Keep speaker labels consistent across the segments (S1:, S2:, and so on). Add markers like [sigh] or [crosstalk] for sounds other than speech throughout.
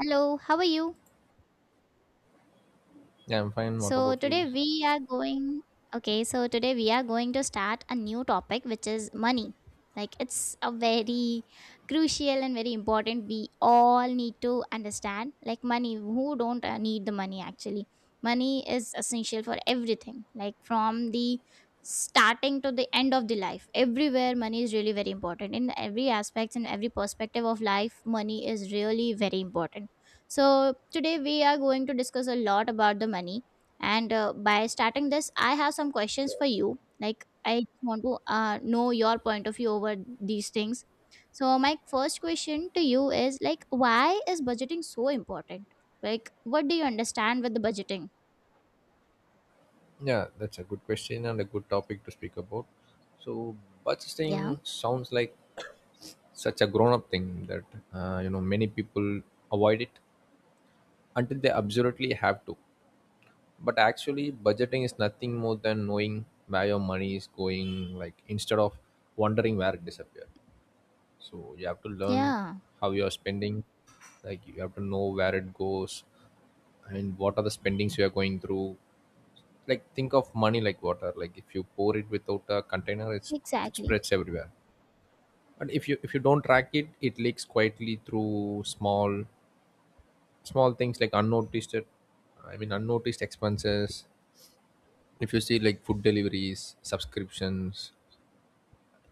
S1: Hello, how are you?
S2: Yeah, I'm fine. What
S1: So
S2: about you?
S1: today we are going Okay, so today we are going to start a new topic, which is money. Like, it's a very crucial and very important, we all need to understand like money, who don't need the money actually. Money is essential for everything, like from the starting to the end of the life. Everywhere money is really very important in every aspects and every perspective of life. Money is really very important, so today we are going to discuss a lot about the money. And by starting this, I have some questions
S2: Sure.
S1: for you. Like, I just want to know your point of view over these things. So, my first question to you is like, why is budgeting so important? Like, what do you understand with the budgeting?
S2: Yeah, that's a good question and a good topic to speak about. So,
S1: Yeah,
S2: budgeting sounds like such a grown up thing that, many people avoid it until they absolutely have to. But actually, budgeting is nothing more than knowing where your money is going, like instead of wondering where it disappeared. So, you have to learn
S1: yeah,
S2: how you are spending, like, you have to know where it goes and what are the spendings you are going through. Like, think of money like water. Like, if you pour it without a container, it's, it
S1: exactly.
S2: spreads everywhere, but if you don't track it, it leaks quietly through small things, like unnoticed, I mean, unnoticed expenses. If you see like food deliveries, subscriptions,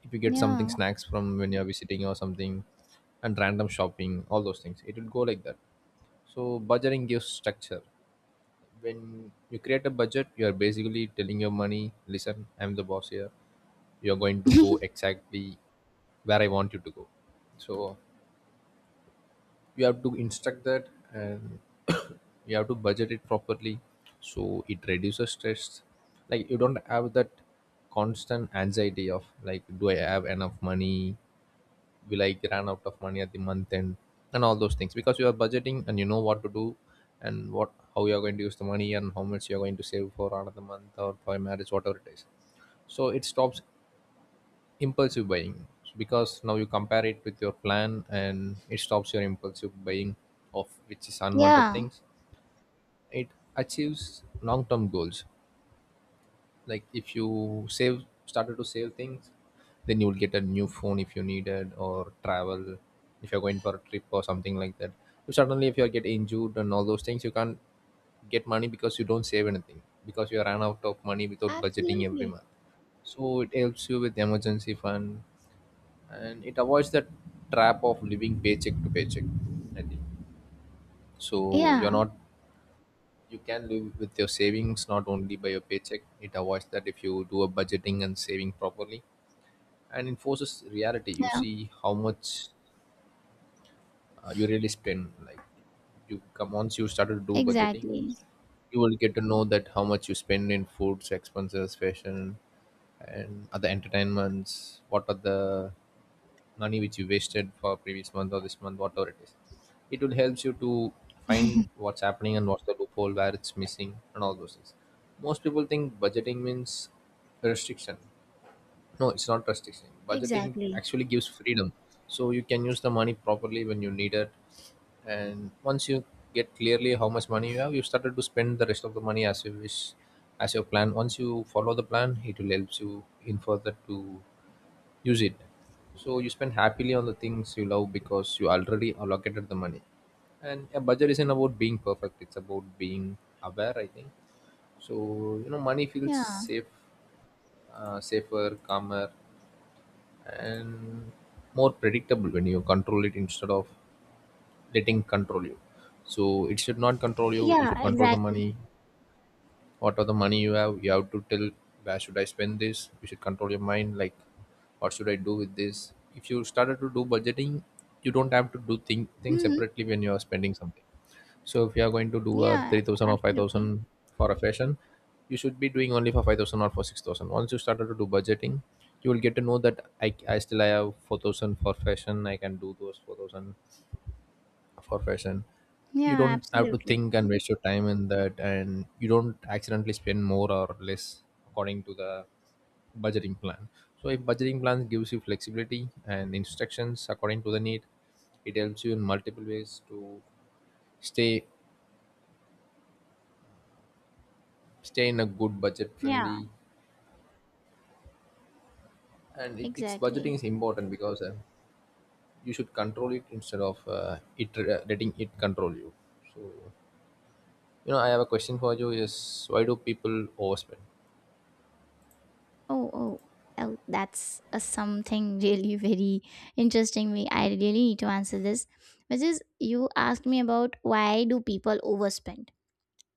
S2: if you get something,
S1: Yeah,
S2: snacks, from when you're visiting or something, and random shopping, all those things, it will go like that. So budgeting gives structure. When you create a budget, you are basically telling your money, listen, I'm the boss here, you're going to go
S1: [laughs]
S2: exactly where I want you to go. So you have to instruct that, and [coughs] you have to budget it properly. So it reduces stress, like you don't have that constant anxiety of like, do I have enough money, will I run out of money at the month end, and all those things, because you are budgeting and you know what to do, and what, how you are going to use the money, and how much you are going to save for another month, or for a marriage, whatever it is. So it stops impulsive buying, because now you compare it with your plan and it stops your impulsive buying of which is unwanted
S1: yeah,
S2: things. It achieves long-term goals, like if you save, started to save things, then you will get a new phone if you needed, or travel if you're going for a trip or something like that. So suddenly if you get injured and all those things, you can't get money because you don't save anything, because you ran out of money without budgeting every
S1: absolutely.
S2: month. So it helps you with emergency fund, and it avoids the trap of living paycheck to paycheck, I think. So you're
S1: Yeah,
S2: not, you can live with your savings, not only by your paycheck. It avoids that if you do a budgeting and saving properly, and enforces reality. You
S1: yeah,
S2: see how much you really spend. Like, you come, once you start to do budgeting,
S1: exactly,
S2: you will get to know that how much you spend in foods, expenses, fashion, and other entertainments, what are the money which you wasted for previous month or this month, whatever it is. It will helps you to find what's happening and what's the loophole where it's missing and all those things. Most people think budgeting means restriction. No, it's not restriction. Budgeting
S1: exactly.
S2: actually gives freedom. So you can use the money properly when you need it. And once you get clearly how much money you have, you started to spend the rest of the money as you wish, as your plan. Once you follow the plan, it will help you in further to use it. So you spend happily on the things you love because you already allocated the money. And a budget isn't about being perfect; it's about being aware, I think so. You know, money feels
S1: Yeah,
S2: safe, safer, calmer, and more predictable when you control it instead of letting control you. So it should not control you. You
S1: yeah,
S2: should control the
S1: exactly.
S2: money. Whatever the money you have, you have to tell where should I spend this. You should control your mind, like what should I do with this. If you started to do budgeting, you don't have to do things
S1: Hmm.
S2: separately when you are spending something. So if you are going to do a
S1: Yeah,
S2: 3,000 or
S1: absolutely.
S2: 5,000 for a fashion, you should be doing only for 5,000 or for 6,000. Once you started to do budgeting, you will get to know that I still I have 4,000 for fashion, I can do those 4,000 for fashion. You
S1: Yeah,
S2: don't have to
S1: absolutely.
S2: think and waste your time in that, and you don't accidentally spend more or less according to the budgeting plan. So a budgeting plan gives you flexibility and instructions according to the need. It helps you in multiple ways to stay stay in a good budget
S1: Yeah.
S2: friendly. And it's budgeting
S1: Exactly.
S2: is important because you should control it instead of it letting it control you. So, you know, I have a question for you is, why do people overspend?
S1: Oh, oh, oh, that's a something [laughs] really very interesting. Me, I really need to answer this, which is, you asked me about, why do people overspend?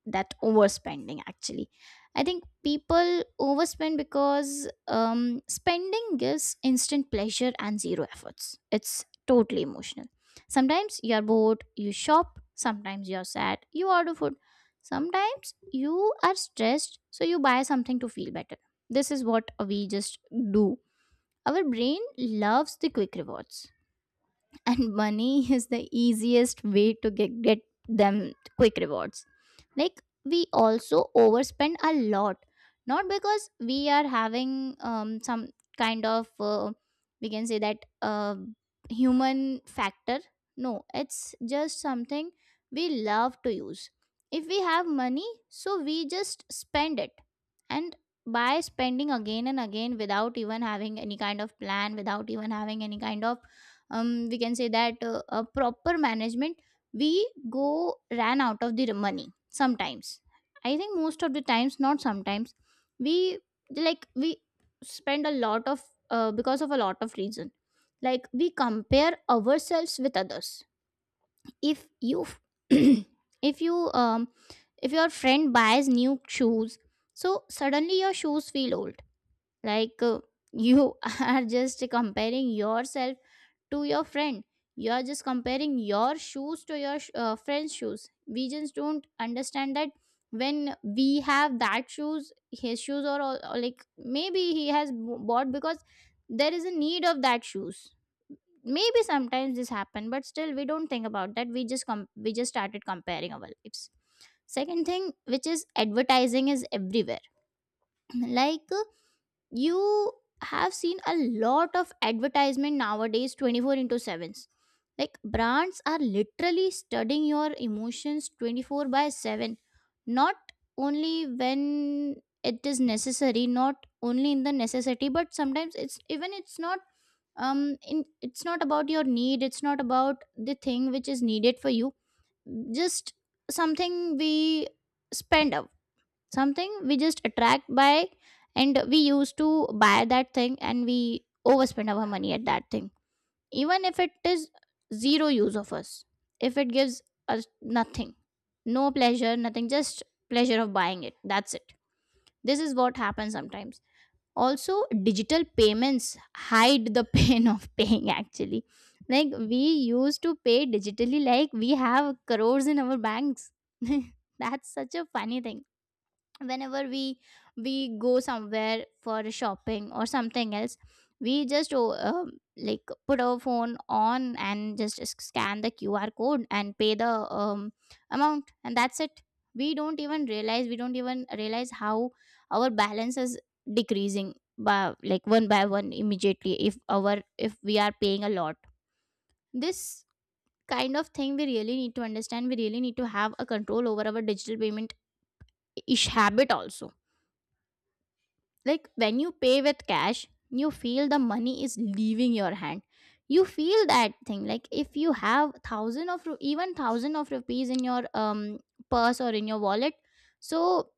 S1: That overspending actually, I think people overspend because spending gives instant pleasure and zero efforts, it's totally emotional. Sometimes you're bored, you shop. Sometimes you're sad, you order food. Sometimes you are stressed, so you buy something to feel better. This is what we just do. Our brain loves the quick rewards, and money is the easiest way to get them quick rewards. Like, we also overspend a lot, not because we are having some kind of we can say that human factor. No, it's just something we love to use. If we have money, so we just spend it. And by spending again and again, without even having any kind of plan, without even having any kind of we can say that a proper management, we go ran out of the money sometimes. I think most of the times, not sometimes. We, like, we spend a lot of, because of a lot of reason. Like, we compare ourselves with others. If you [coughs] [clears throat] if you um if your friend buys new shoes, so suddenly your shoes feel old. Like, you [laughs] are just comparing yourself to your friend. You are just comparing your shoes to your friend's shoes. We just don't understand that. When we have that shoes, his shoes, or all, or like maybe he has bought because there is a need of that shoes. Maybe sometimes this happen, but still we don't think about that. We just started comparing our lives. Second thing, which is advertising, is everywhere. [clears throat] Like, you have seen a lot of advertisement nowadays, 24 into 7s. Like, brands are literally studying your emotions 24 by 7. Not only when it is necessary, not only in the necessity, but sometimes it's even, it's not, it's not about your need, it's not about the thing which is needed for you. Just something we spend up, something we just attract by, and we used to buy that thing, and we overspend our money at that thing. Even if it is zero use of us, if it gives us nothing, no pleasure, nothing, just pleasure of buying it, that's it. This is what happens sometimes. Also, digital payments hide the [laughs] pain of paying, actually. Like, we used to pay digitally, like we have crores in our banks. [laughs] That's such a funny thing. Whenever we go somewhere for shopping or something else, we just, oh, like put our phone on and just scan the QR code and pay the amount, and that's it. We don't even realize how our balance is decreasing by, like, one by one immediately, if our if we are paying a lot. This kind of thing, we really need to understand, we really need to have a control over our digital payment ish habit also. Like, when you pay with cash, you feel the money is leaving your hand. You feel that thing, like if you have thousand of even thousand of rupees in your purse or in your wallet. So,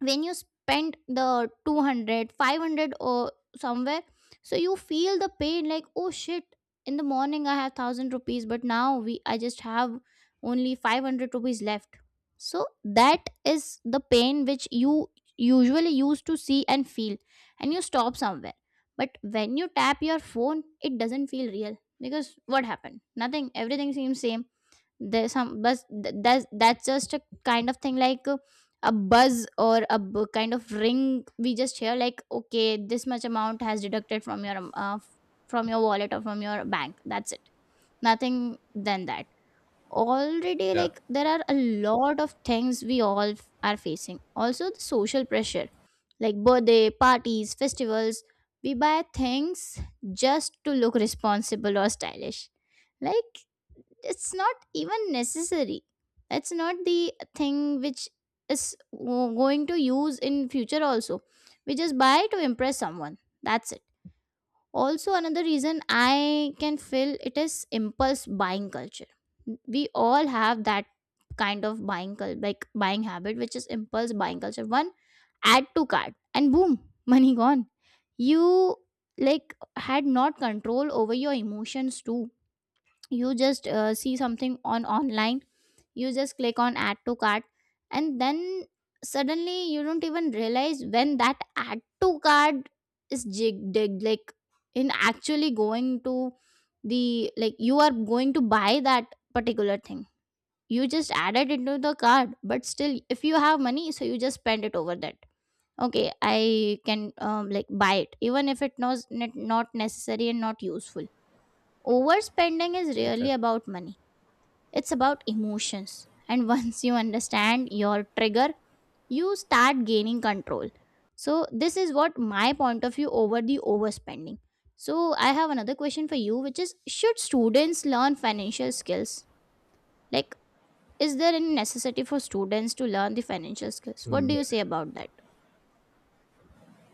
S1: when you spend the 200, 500, or somewhere, so you feel the pain, like, oh shit, in the morning I have 1000 rupees, but now we I just have only 500 rupees left. So that is the pain which you usually used to see and feel, and you stop somewhere. But when you tap your phone, it doesn't feel real, because what happened? Nothing. Everything seems same. There's some buzz, that's just a kind of thing, like a buzz or a kind of ring we just hear, like, okay, this much amount has deducted from your from your wallet or from your bank, that's it. Nothing than that. Already,
S2: Yeah,
S1: like, there are a lot of things we all are facing. Also, the social pressure, like birthday parties, festivals, we buy things just to look responsible or stylish. Like, it's not even necessary. That's not the thing which is going to use in future also. We just buy to impress someone, that's it. Also, another reason I can feel it is impulse buying culture. We all have that kind of buying like buying habit, which is impulse buying culture. One add to cart and boom, [laughs] money gone. You, like, had not control over your emotions too. You just see something on online, you just click on add to cart, and then suddenly you don't even realize when that add to cart is jig dig, like in actually going to the, like, you are going to buy that particular thing. You just add it into the cart, but still if you have money, so you just spend it over that. Okay, I can, like, buy it even if it was not not necessary and not useful. Overspending is really
S2: exactly.
S1: about money, it's about emotions. And [laughs] once you understand your trigger, you start gaining control. So, this is what my point of view over the overspending. So, I have another question for you, which is, should students learn financial skills? Like, is there any necessity for students to learn the financial skills? What
S2: Mm,
S1: do you
S2: Yeah,
S1: say about that?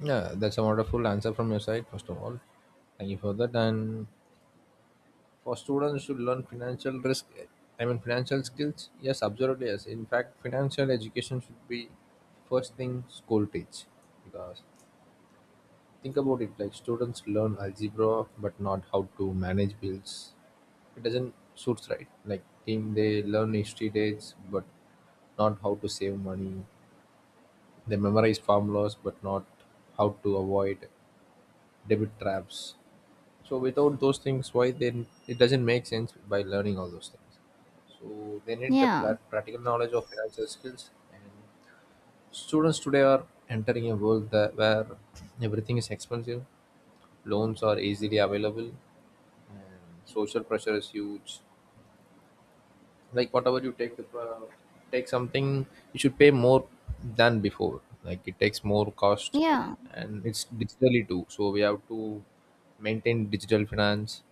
S2: Yeah, that's a wonderful answer from your side, first of all. Thank you for that. And for students to learn financial risk, I mean, financial skills, yes, absolutely, yes. In fact, financial education should be first thing school teach, because think about it, like students learn algebra but not how to manage bills. It doesn't suit right. Like, think, they learn history dates but not how to save money. They memorize formulas but not how to avoid debit traps. So without those things, why then, it doesn't make sense by learning all those things. So they need the
S1: Yeah,
S2: practical knowledge of financial skills. And students today are entering a world that where everything is expensive, loans are easily available, and social pressure is huge. Like whatever you take, the take something, you should pay more than before, like it takes more cost.
S1: yeah,
S2: And it's digitally too, so we have to maintain digital finance.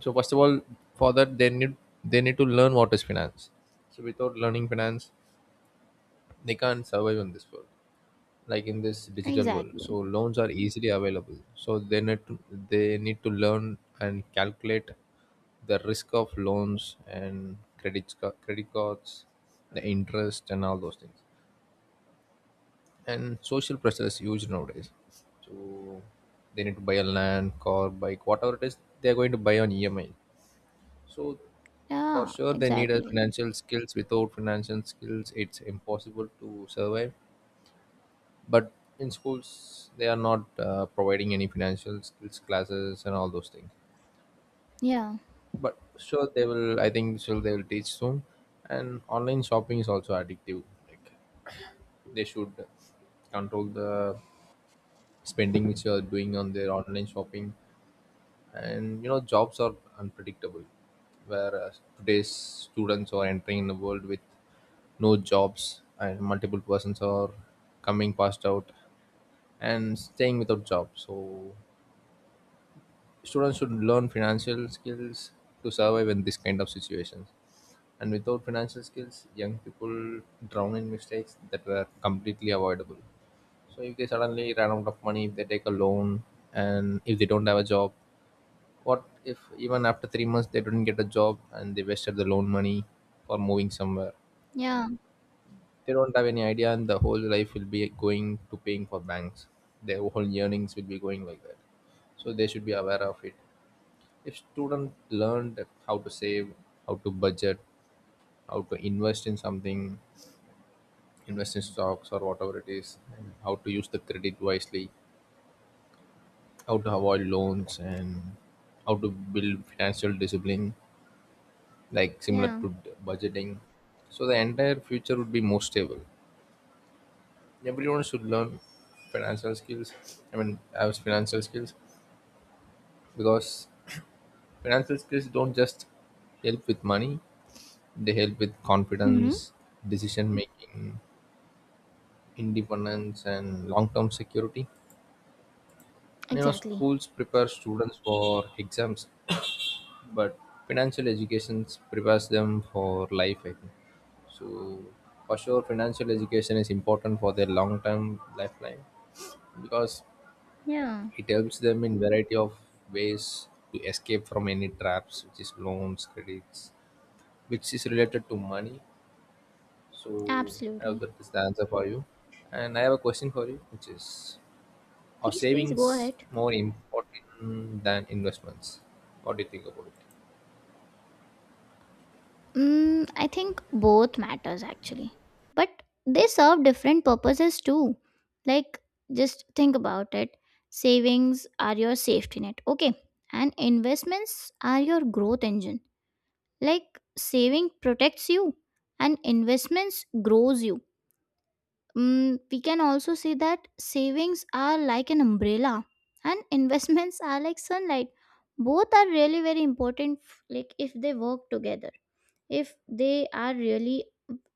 S2: So first of all, for that they need, they need to learn what is finance. So without learning finance, they can't survive in this world, like in this digital world. So
S1: exactly.
S2: loans are easily available. So they need to, they need to learn and calculate the risk of loans and credit cards, the interest and all those things. And social pressure is huge nowadays. So they need to buy a land, car, bike, whatever it is, they are going to buy on EMI. So for
S1: Yeah,
S2: sure they need a
S1: exactly.
S2: financial skills. Without financial skills, it's impossible to survive. But in schools, they are not providing any financial skills classes and all those things.
S1: Yeah,
S2: But sure they will. I think sure they will teach soon. And online shopping is also addictive. Like they should control the spending which you are doing on their online shopping. And you know, jobs are unpredictable, whereas today's students are entering in a world with no jobs, and multiple persons are coming past out and staying without jobs. So students should learn financial skills to survive in this kind of situations. And without financial skills, young people drown in mistakes that were completely avoidable. So if they suddenly run out of money, if they take a loan, and if they don't have a job, what if even after 3 months they didn't get a job and they wasted the loan money for moving somewhere?
S1: yeah,
S2: They don't have any idea, and the whole life will be going to paying for banks. Their whole earnings will be going like that. So they should be aware of it. If student learned that how to save, how to budget, how to invest in something, invest in stocks or whatever it is, and how to use the credit wisely, how to avoid loans, and how to build financial discipline, like similar
S1: yeah.
S2: to budgeting. So the entire future would be more stable. Everyone should learn financial skills. I mean, have financial skills, because financial skills don't just help with money; they help with
S1: Hmm.
S2: confidence, decision making, independence, and long-term security. And you know,
S1: Exactly.
S2: schools prepare students for exams, but financial education prepares them for life, I think so. For sure financial education is important for their long term lifeline, because
S1: Yeah,
S2: it helps them in variety of ways to escape from any traps which is loans, credits, which is related to money. So I hope
S1: absolutely.
S2: that is the answer for you. And I have a question for you, which is, are
S1: Please, please go
S2: savings
S1: ahead.
S2: more important than investments? What do you think about it?
S1: Mm, I think both matters actually. But they serve different purposes too. Like, just think about it. Savings are your safety net. Okay. And investments are your growth engine. Like, saving protects you and investments grows you. Mm, we can also say that savings are like an umbrella and [laughs] investments are like sunlight. Both are really very important, like if they work together, if they are really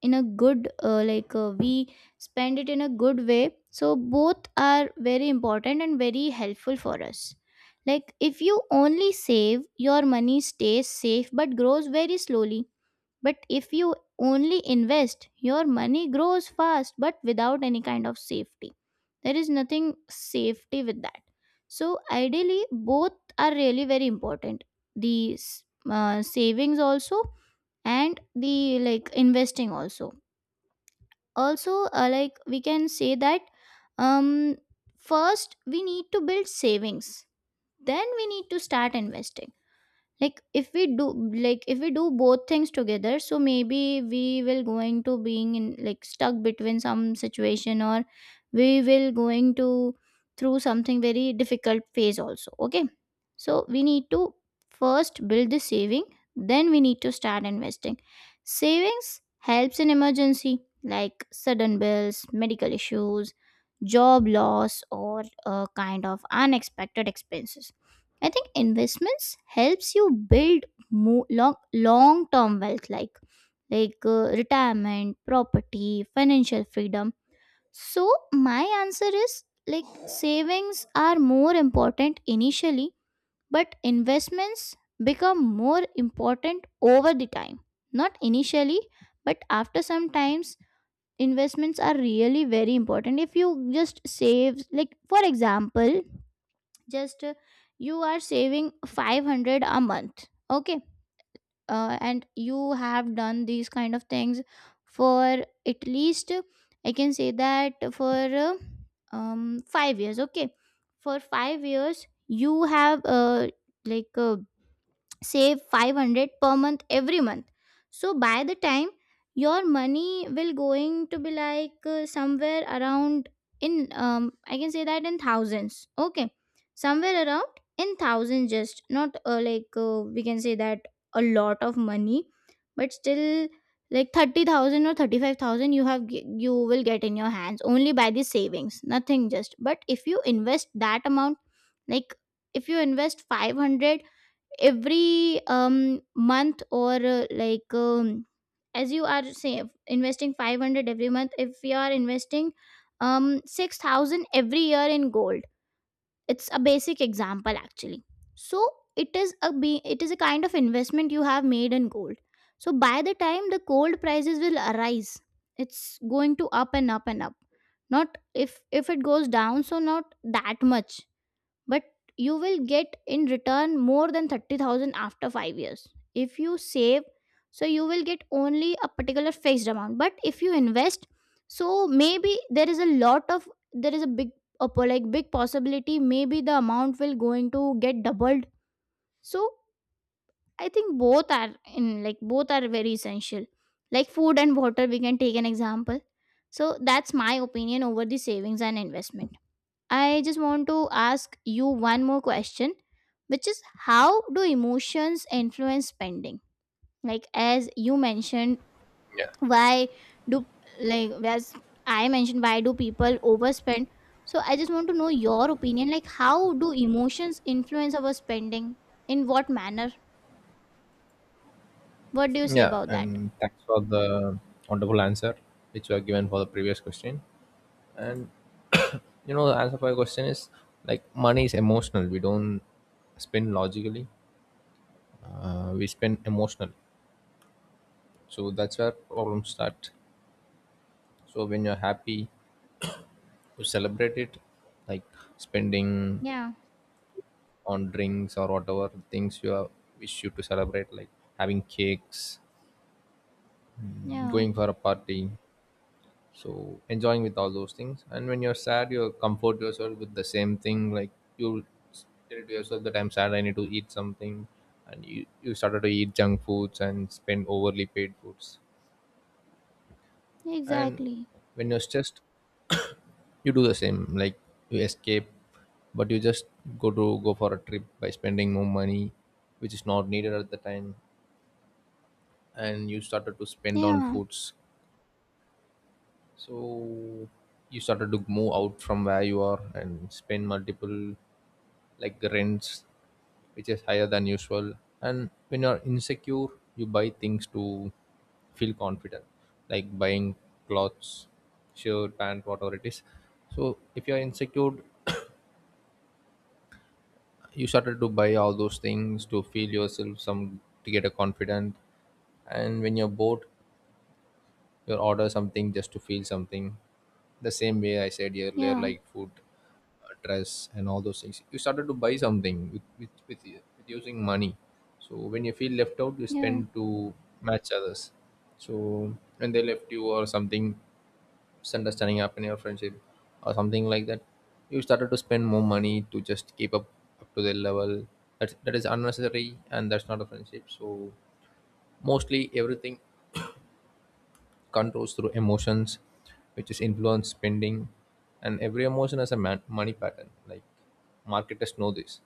S1: in a good, like we spend it in a good way, so both are very important and very helpful for us. Like, if you only save, your money stays safe but grows very slowly. But if you only invest, your money grows fast but without any kind of safety. There is nothing safety with that. So, ideally both are really very important. The savings also, and the like investing also. Also, like we can say that, um first we need to build savings, then we need to start investing. Like, if we do both things together, so maybe we will going to being in, like, stuck between some situation, or we will going to through something very difficult phase also, okay. So we need to first build the saving, then we need to start investing. Savings helps in emergency, like sudden bills, medical issues, job loss, or a kind of unexpected expenses. I think investments helps you build, long term wealth, like, retirement, property, financial freedom. So my answer is, like, savings are more important initially, but investments become more important over the time. Not initially, but after some times investments are really very important if you just save. Like for example, just you are saving 500 a month, okay, and you have done these kind of things for at least, I can say that for 5 years. Okay, for 5 years you have, like uh, save 500 per month every month. So by the time your money will going to be like, somewhere around in, I can say that in thousands, okay, somewhere around in thousands, just not, we can say that a lot of money, but still like 30,000 or 35,000 you have you will get in your hands only by the savings, nothing. Just but if you invest that amount, like if you invest 500 every month, or as you are say investing 500 every month. If you are investing 6,000 every year in gold, it's a basic example actually. So it is a kind of investment you have made in gold. So by the time the gold prices will arise, it's going to up and up and up. Not if, it goes down, so not that much. But you will get in return more than 30,000 after 5 years if you save. So you will get only a particular fixed amount, but if you invest, so maybe there is a lot of there is a big like big possibility, maybe the amount will going to get doubled. So I think both are, in like both are very essential. Like food and water, we can take an example. So that's my opinion over the savings and investment. I just want to ask you one more question, which is how do emotions influence spending? Like as you mentioned,
S2: Yeah
S1: why do, like as I mentioned, why do people overspend? So I just want to know your opinion. Like how do emotions influence our spending? In what manner? What do you say
S2: Yeah,
S1: about that?
S2: and thanks for the wonderful answer which you have given for the previous question. And [coughs] you know, the answer for your question is, like money is emotional. We don't spend logically. We spend emotionally. So that's where problems start. So when you're happy, you celebrate it, like spending
S1: Yeah.
S2: on drinks or whatever things you are, wish you to celebrate, like having cakes,
S1: Yeah.
S2: going for a party, so enjoying with all those things. And when you're sad, you comfort yourself with the same thing, like you tell to yourself that I'm sad, I need to eat something, and you started to eat junk foods and spend overly paid foods. And
S1: Exactly.
S2: when you're stressed, you do the same, like you escape, but you just go to go for a trip by spending more money, which is not needed at the time, and you started to spend on
S1: Yeah.
S2: foods. So you started to move out from where you are and spend multiple, like rents which is higher than usual. And when you're insecure, you buy things to feel confident, like buying clothes, shirt, pant, whatever it is. So if you're insecure, you started to buy all those things to feel yourself some, to get a confident. And when you're bored, you order something just to feel something, the same way I said earlier,
S1: Yeah.
S2: like food, dress, and all those things, you started to buy something with using money. So when you feel left out, you
S1: Yeah.
S2: spend to match others. So when they left you or something, misunderstanding happened in your friendship or something like that, you started to spend more money to just keep up to their level. That is unnecessary, and that's not a friendship. So mostly everything controls through emotions, which is influence spending, and every emotion has a money pattern. Like marketers know this.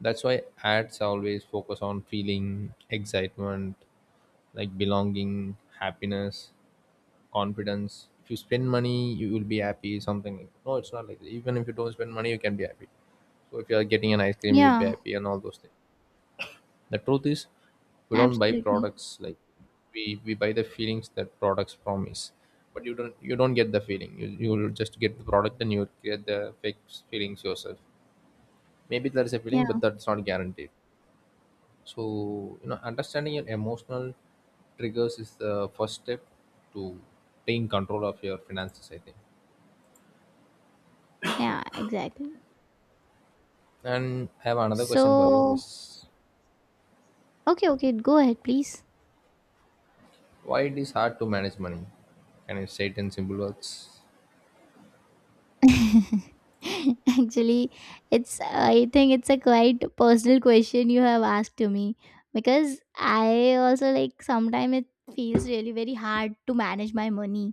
S2: That's why ads always focus on feeling, excitement, like belonging, happiness, confidence. If you spend money, you will be happy. Something like, no, it's not like that. Even if you don't spend money, you can be happy. So if you are getting an ice cream, you will be
S1: Yeah.
S2: happy and all those things. The truth is, we don't buy
S1: Absolutely.
S2: products, like we buy the feelings that products promise, but you don't get the feeling. You will just get the product and you will get the fake feelings yourself. Maybe there is a feeling,
S1: Yeah.
S2: but that's not guaranteed. So you know, understanding your emotional triggers is the first step to taking control of your finances, I think.
S1: Yeah. Exactly.
S2: And I have another question for you:
S1: So
S2: is
S1: Okay, go ahead, please.
S2: why it is hard to manage money? Can you say it in simple words?
S1: [laughs] Actually, it's I think it's a quite personal question you have asked to me, because I also, like, sometimes it feels really very hard to manage my money.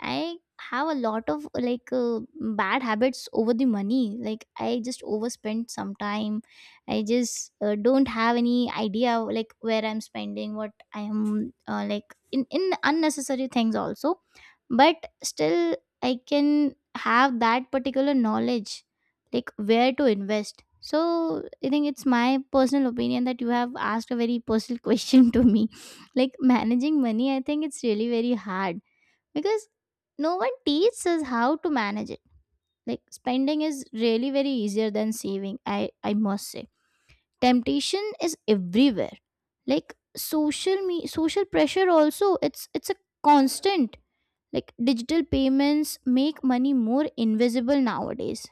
S1: I have a lot of like, bad habits over the money. Like I just overspend sometime. I just, don't have any idea like where I'm spending, what I am, like in unnecessary things also. But still, I can have that particular knowledge like where to invest. So I think it's my personal opinion that you have asked a very personal [laughs] question to me. Like managing money, I think it's really very hard, because no one teaches us how to manage it. Like spending is really very easier than saving, I must say. Temptation is everywhere, like social pressure also. It's a constant. Like digital payments make money more invisible nowadays.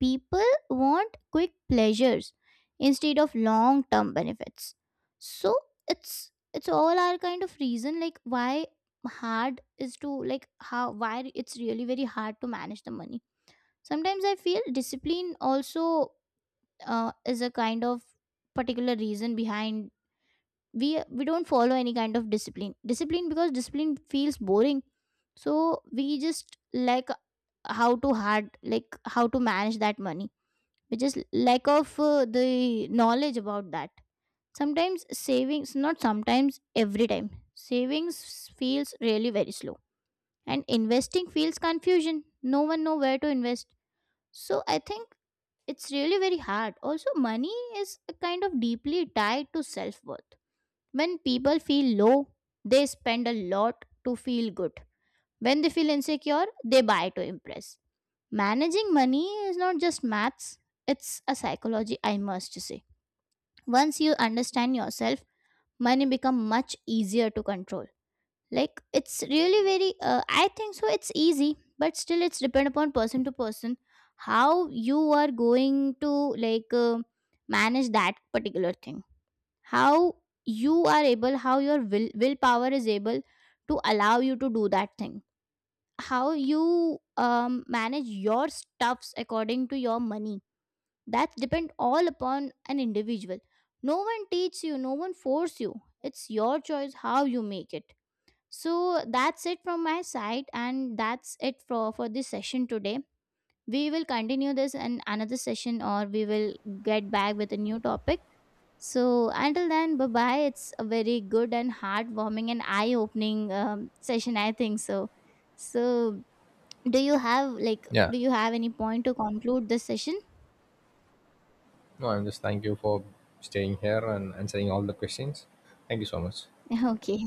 S1: People want quick pleasures instead of long-term benefits. So it's all our kind of reason like why hard is to, how, why it's really very hard to manage the money. Sometimes I feel discipline also, is a kind of particular reason behind. We don't follow any kind of discipline. Because discipline feels boring, so we just like how to hard, like how to manage that money, which is lack of the knowledge about that. Sometimes savings, not sometimes, every time savings feels really very slow, and investing feels confusion, no one know where to invest. So I think it's really very hard. Also money is a kind of deeply tied to self worth. When people feel low, they spend a lot to feel good. When they feel insecure, they buy to impress. Managing money is not just maths, it's a psychology, I must say. Once you understand yourself, money become much easier to control. Like it's really very, I think so it's easy, but still it's depend upon person to person, how you are going to, like uh, manage that particular thing. How you are able, how your willpower is able to allow you to do that thing. How you, manage your stuffs according to your money. That depend all upon an individual. No one teach you, no one force you, it's your choice how you make it. So that's it from my side, and that's it for this session today. We will continue this in another session, or we will get back with a new topic. So until then, bye bye. It's a very good and heartwarming and eye opening session, I think so. So do you have like,
S2: Yeah.
S1: do you have any point to conclude this session?
S2: No, I'm just thank you for staying here and answering all the questions. Thank you so much.
S1: [laughs] Okay.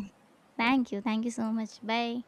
S1: Thank you. Thank you so much. Bye.